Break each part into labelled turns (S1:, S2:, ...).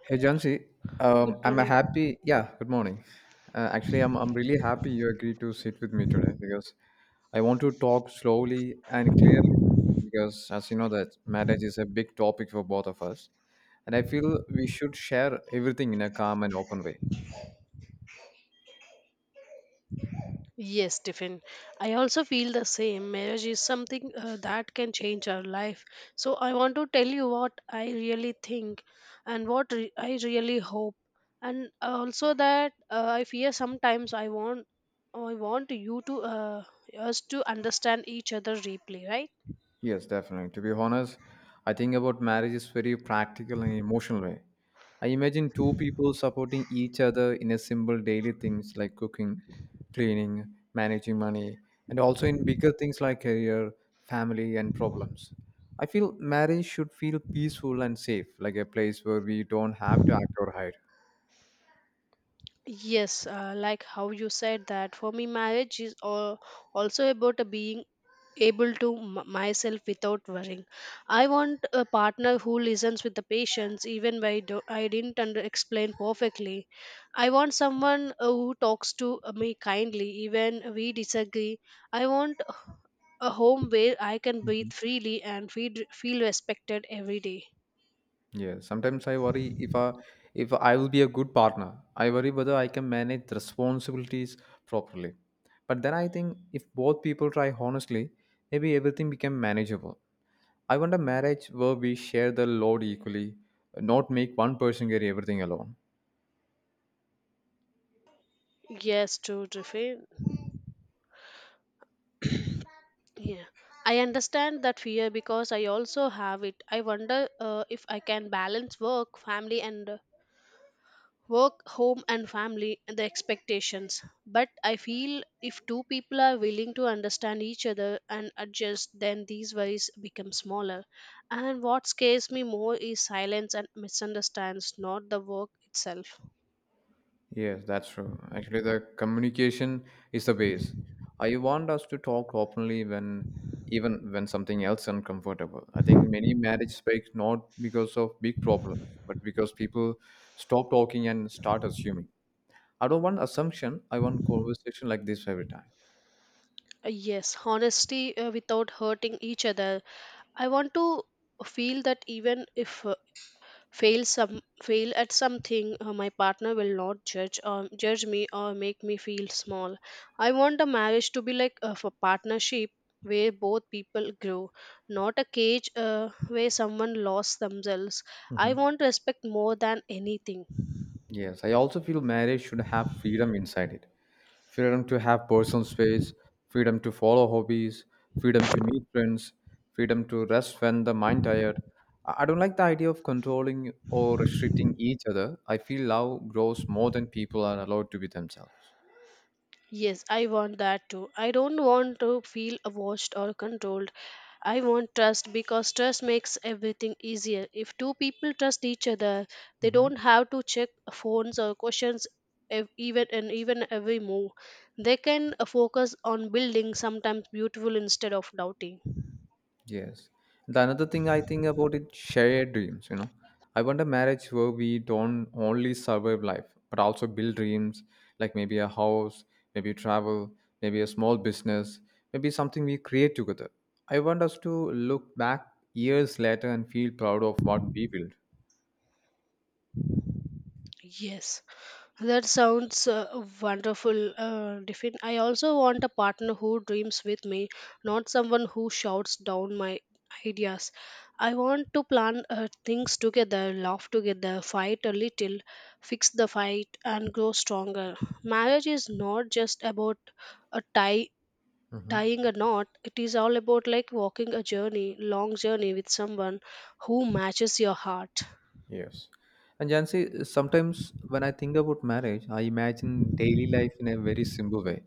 S1: Hey Jansi,
S2: Good
S1: I'm a
S2: morning.
S1: happy. Yeah, good morning. Actually, I'm really happy you agreed to sit with me today because I want to talk slowly and clearly because as you know that marriage is a big topic for both of us, and I feel we should share everything in a calm and open way.
S2: Yes, Tiffin. I also feel the same. Marriage is something that can change our life. So I want to tell you what I really think and I really hope, and also that I fear sometimes. I want you to us to understand each other deeply, right?
S1: Yes, definitely. To be honest, I think about marriage is very practical and emotional way. I imagine two people supporting each other in a simple daily things like cooking, cleaning, managing money, and also in bigger things like career, family, and problems. I feel marriage should feel peaceful and safe, like a place where we don't have to act or hide.
S2: Yes, like how you said, that for me, marriage is all, also about a being able to myself without worrying. I want a partner who listens with the patience even when I didn't under explain perfectly. I want someone who talks to me kindly even we disagree. I want a home where I can
S1: Mhm.
S2: breathe freely and feel respected every day.
S1: Yeah, sometimes I worry if I will be a good partner. I worry whether I can manage the responsibilities properly. But then I think if both people try honestly, maybe everything become manageable. I want a marriage where we share the load equally, not make one person carry everything alone.
S2: Yes, true, Tiffin. Yeah, I understand that fear because I also have it. I wonder if I can balance work, family, and work, home and family and the expectations. But I feel if two people are willing to understand each other and adjust, then these worries become smaller. And what scares me more is silence and misunderstands, not the work itself.
S1: Yes, that's true. Actually, the communication is the base. I want us to talk openly when, even when something else uncomfortable. I think many marriage breaks not because of big problems, but because people stop talking and start assuming. I don't want assumption. I want conversation like this every time.
S2: Yes, honesty without hurting each other. I want to feel that even if fail at something, my partner will not judge or judge me or make me feel small. I want a marriage to be like of a partnership where both people grow, not a cage where someone lost themselves. I want respect more than anything.
S1: Yes, I also feel marriage should have freedom inside it. Freedom to have personal space, freedom to follow hobbies, freedom to meet friends, freedom to rest when the mind tired. I don't like the idea of controlling or restricting each other. I feel love grows more than people are allowed to be themselves.
S2: Yes, I want that too. I don't want to feel watched or controlled. I want trust because trust makes everything easier. If two people trust each other, they
S1: Mhm.
S2: don't have to check phones or questions even every move. They can focus on building sometimes beautiful instead of doubting.
S1: Yes. The another thing I think about it, shared dreams, you know. I want a marriage where we don't only survive life, but also build dreams, like maybe a house, maybe travel, maybe a small business, maybe something we create together. I want us to look back years later and feel proud of what we built.
S2: Yes. That sounds wonderful, Diffin. I also want a partner who dreams with me, not someone who shouts down my ideas. I want to plan things together, laugh together, fight a little, fix the fight, and grow stronger. Marriage is not just about a tie tying a knot. It is all about like walking a journey, long journey, with someone who matches your heart.
S1: Yes. And Jansi, sometimes when I think about marriage, I imagine daily life in a very simple way.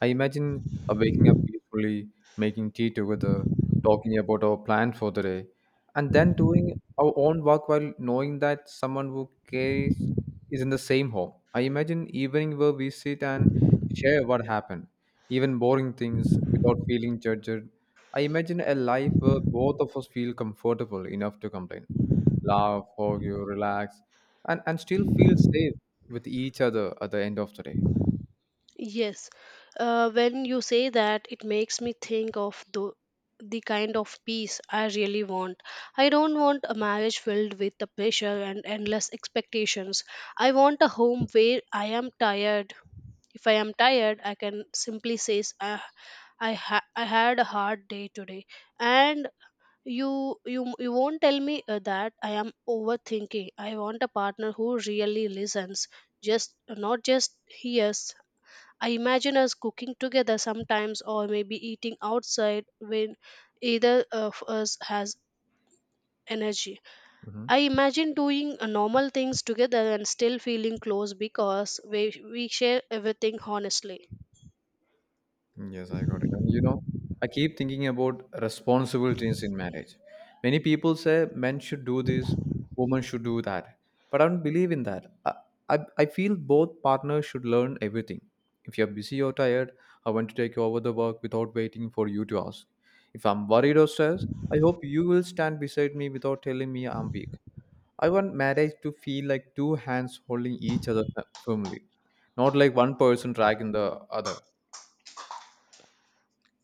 S1: I imagine waking up peacefully, making tea together, talking about our plan for the day, and then doing our own work while knowing that someone who cares is in the same home. I imagine evening where we sit and share what happened, even boring things without feeling judged. I imagine a life where both of us feel comfortable enough to complain laugh, argue, relax, and still feel safe with each other at the end of the day.
S2: Yes, when you say that, it makes me think of the kind of peace I really want. I don't want a marriage filled with the pressure and endless expectations. I want a home where I am tired. If I am tired, I can simply say "Ah, I had a hard day today, and you won't tell me that I am overthinking." I want a partner who really listens, just not just hears. I imagine us cooking together sometimes, or maybe eating outside when either of us has energy.
S1: Hmm.
S2: I imagine doing normal things together and still feeling close because we share everything honestly.
S1: Yes, I got it. And you know, I keep thinking about responsibilities in marriage. Many people say men should do this, women should do that. But I don't believe in that. I feel both partners should learn everything. If you're busy or tired, I want to take over the work without waiting for you to ask. If I'm worried or stressed, I hope you will stand beside me without telling me I'm weak. I want marriage to feel like two hands holding each other firmly, not like one person dragging the other.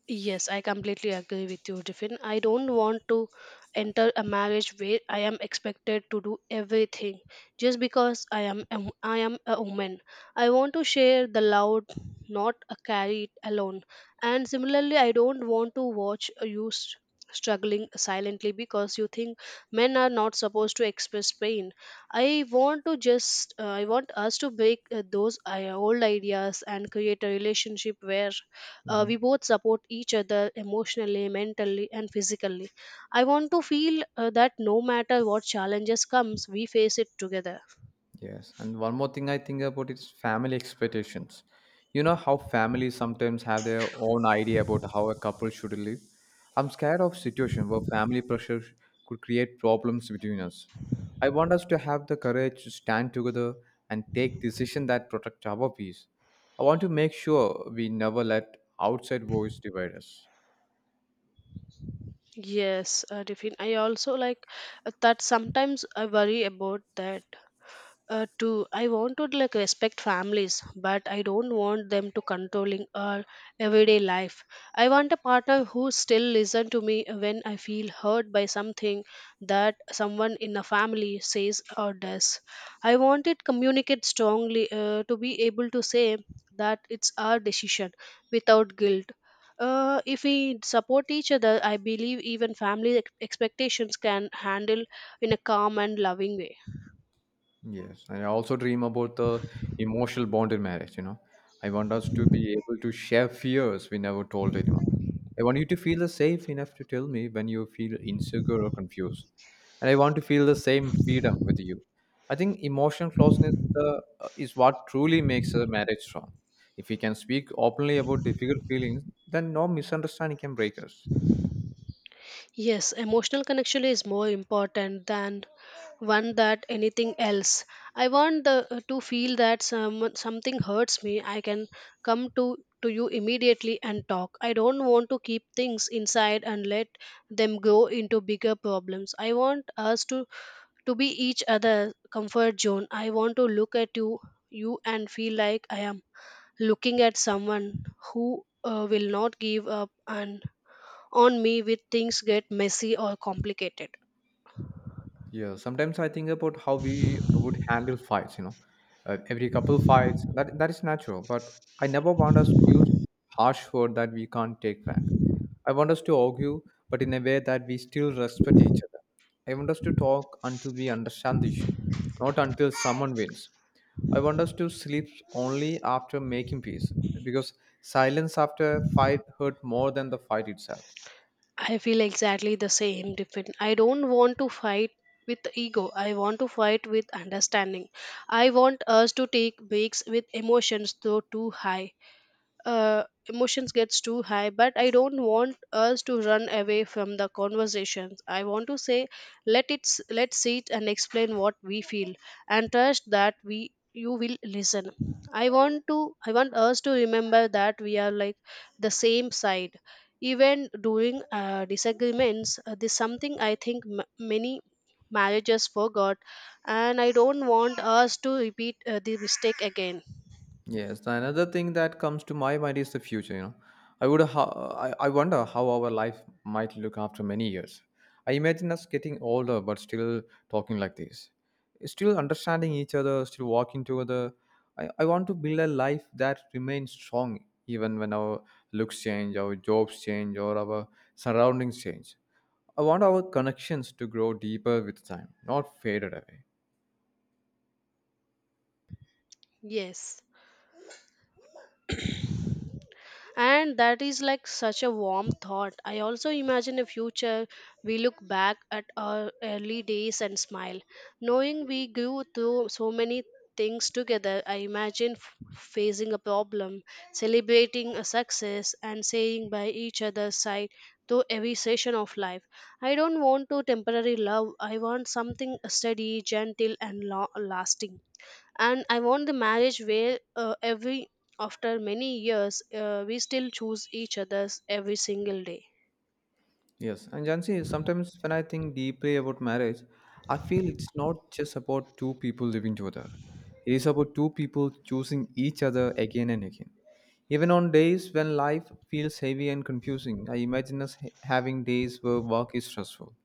S2: Yes, I completely agree with you, Tiffin. I don't want to enter a marriage where I am expected to do everything just because I am a woman. I want to share the load, not carry it alone. And similarly, I don't want to watch you struggling silently because you think men are not supposed to express pain. I want to just I want us to break those old ideas and create a relationship where
S1: Mhm.
S2: we both support each other emotionally, mentally and physically. I want to feel that no matter what challenges comes, we face it together.
S1: Yes, and one more thing I think about is family expectations. You know how families sometimes have their own idea about how a couple should live. I'm scared of situation where family pressure could create problems between us. I want us to have the courage to stand together and take decisions that protect our peace. I want to make sure we never let outside voice divide us.
S2: Yes, Devin, I also like that sometimes I worry about that. To I want to like respect families, but I don't want them to controlling our everyday life. I want a partner who still listen to me when I feel hurt by something that someone in the family says or does. I want it communicate strongly, to be able to say that it's our decision without guilt. If we support each other, I believe even expectations can handle in a calm and loving way.
S1: Yes, and I also dream about the emotional bond in marriage, you know. I want us to be able to share fears we never told anyone. I want you to feel safe enough to tell me when you feel insecure or confused. And I want to feel the same freedom with you. I think emotional closeness is what truly makes a marriage strong. If we can speak openly about difficult feelings, then no misunderstanding can break us.
S2: Yes, emotional connection is more important than one that anything else. I want to feel that something hurts me, I can come to you immediately and talk. I don't want to keep things inside and let them grow into bigger problems. I want to be each other comfort zone. I want to look at you and feel like I am looking at someone who will not give up and on me with things get messy or complicated.
S1: Yeah, sometimes I think about how we would handle fights, you know. Every couple fights, that is natural, but I never want us to use harsh word that we can't take back. I want us to argue, but in a way that we still respect each other. I want us to talk until we understand the issue, not until someone wins. I want us to sleep only after making peace, because silence after fight hurt more than the fight itself.
S2: I feel exactly the same, different. I don't want to fight with ego. I want to fight with understanding. I want us to take breaks with emotions though too high. uh, but I don't want us to run away from the conversations. I want to say, let's sit and explain what we feel and trust that we you will listen. I want us to remember that we are like the same side even during disagreements. This something I think many marriages forgot, and I don't want us to repeat the mistake again.
S1: Yes, the another thing that comes to my mind is the future. You know, I would ho I wonder how our life might look after many years. I imagine us getting older but still talking like this, still understanding each other, still walking together. I want to build a life that remains strong even when our looks change, our jobs change, or our surroundings change. I want our connections to grow deeper with time, not faded away.
S2: Yes, and that is like such a warm thought. I also imagine a future we look back at our early days and smile, knowing we grew through so many things together. I imagine facing a problem, celebrating a success and saying by each other's side through every session of life. I don't want to temporary love. I want something steady, gentle and lasting. And I want the marriage where every after many years, we still choose each others every single day.
S1: Yes, and Jansi, sometimes when I think deeply about marriage, I feel it's not just about two people living together. It is about two people choosing each other again and again. Even on days when life feels heavy and confusing, I imagine us having days where work is stressful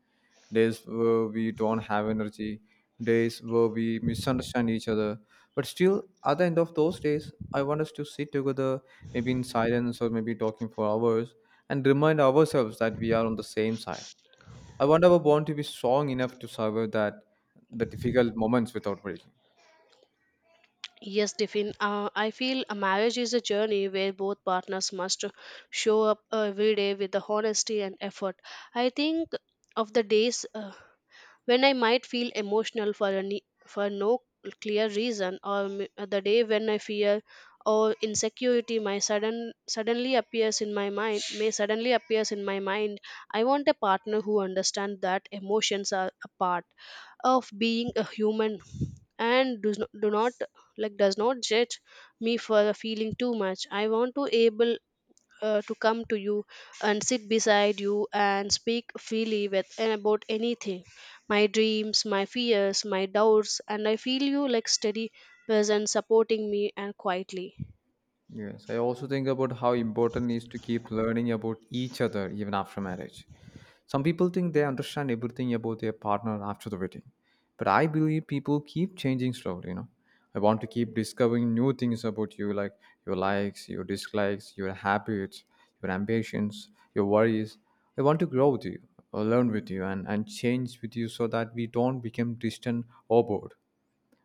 S1: days where we don't have energy, days where we misunderstand each other. But still, at the end of those days, I want us to sit together, maybe in silence or maybe talking for hours, and remind ourselves that we are on the same side. I want our bond to be strong enough to survive that the difficult moments without breaking.
S2: Yes, Tiffin. I feel a marriage is a journey where both partners must show up every day with the honesty and effort. I think of the days when I might feel emotional for no clear reason, or the day when I fear or insecurity my sudden suddenly appears in my mind may suddenly appears in my mind. I want a partner who understands that emotions are a part of being a human and does not, do not like does not judge me for feeling too much. I want to able to come to you and sit beside you and speak freely with and about anything: my dreams, my fears, my doubts, and I feel you like steady presence supporting me and quietly.
S1: Yes, I also think about how important it is to keep learning about each other even after marriage. Some people think they understand everything about their partner after the wedding, but I believe people keep changing slowly, you know. I want to keep discovering new things about you, like your likes, your dislikes, your habits, your ambitions, your worries. I want to grow with you, or learn with you, and change with you so that we don't become distant or bored.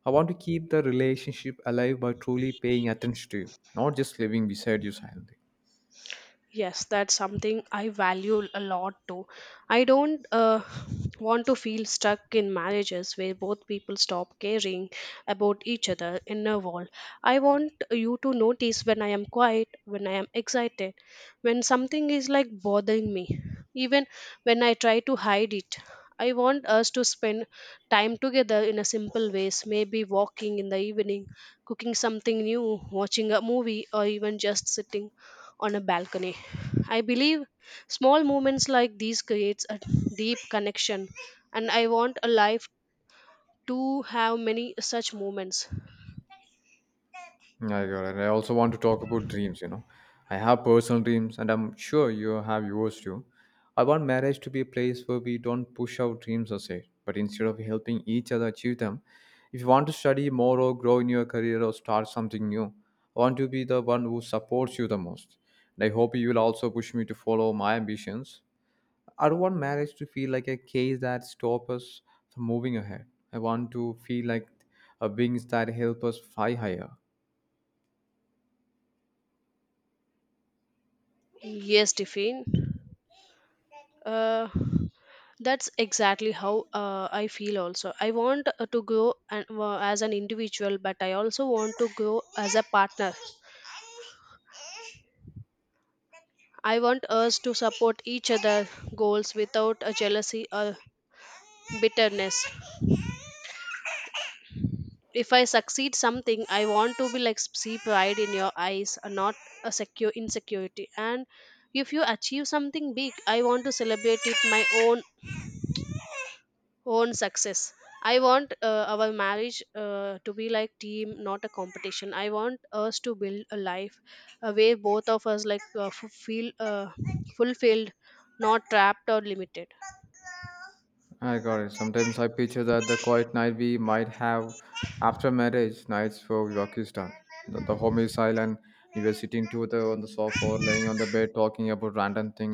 S1: I want to keep the relationship alive by truly paying attention to you, not just living beside you silently.
S2: Yes, that's something I value a lot too. I don't want to feel stuck in marriages where both people stop caring about each other in a wall. I want you to notice when I am quiet, when I am excited, when something is like bothering me, even when I try to hide it. I want us to spend time together in a simple ways, maybe walking in the evening, cooking something new, watching a movie, or even just sitting on a balcony. I believe small movements like these creates a deep connection, and I want a life to have many such moments.
S1: Yeah, I got it. I also want to talk about dreams, you know. I have personal dreams and I'm sure you have yours too. I want marriage to be a place where we don't push our dreams aside, but instead of helping each other achieve them, if you want to study more or grow in your career or start something new, I want to be the one who supports you the most. And I hope you will also push me to follow my ambitions. I don't want marriage to feel like a cage that stops us from moving ahead. I want to feel like a wings that help us fly higher.
S2: Yes, Tiffin. Uh, that's exactly how I feel also. I want to grow an, as an individual, but I also want to grow as a partner. I want us to support each other goals without a jealousy or bitterness. If I succeed something, I want to be like see pride in your eyes, not a secure insecurity. And if you achieve something big, I want to celebrate it my own own success. I want our marriage to be like team, not a competition. I want us to build a life where both of us like feel fulfilled, not trapped or limited.
S1: I got it. Sometimes I picture that the quiet night we might have after marriage nights for Pakistan. The home is silent. You were sitting together on the sofa or laying on the bed talking about random things.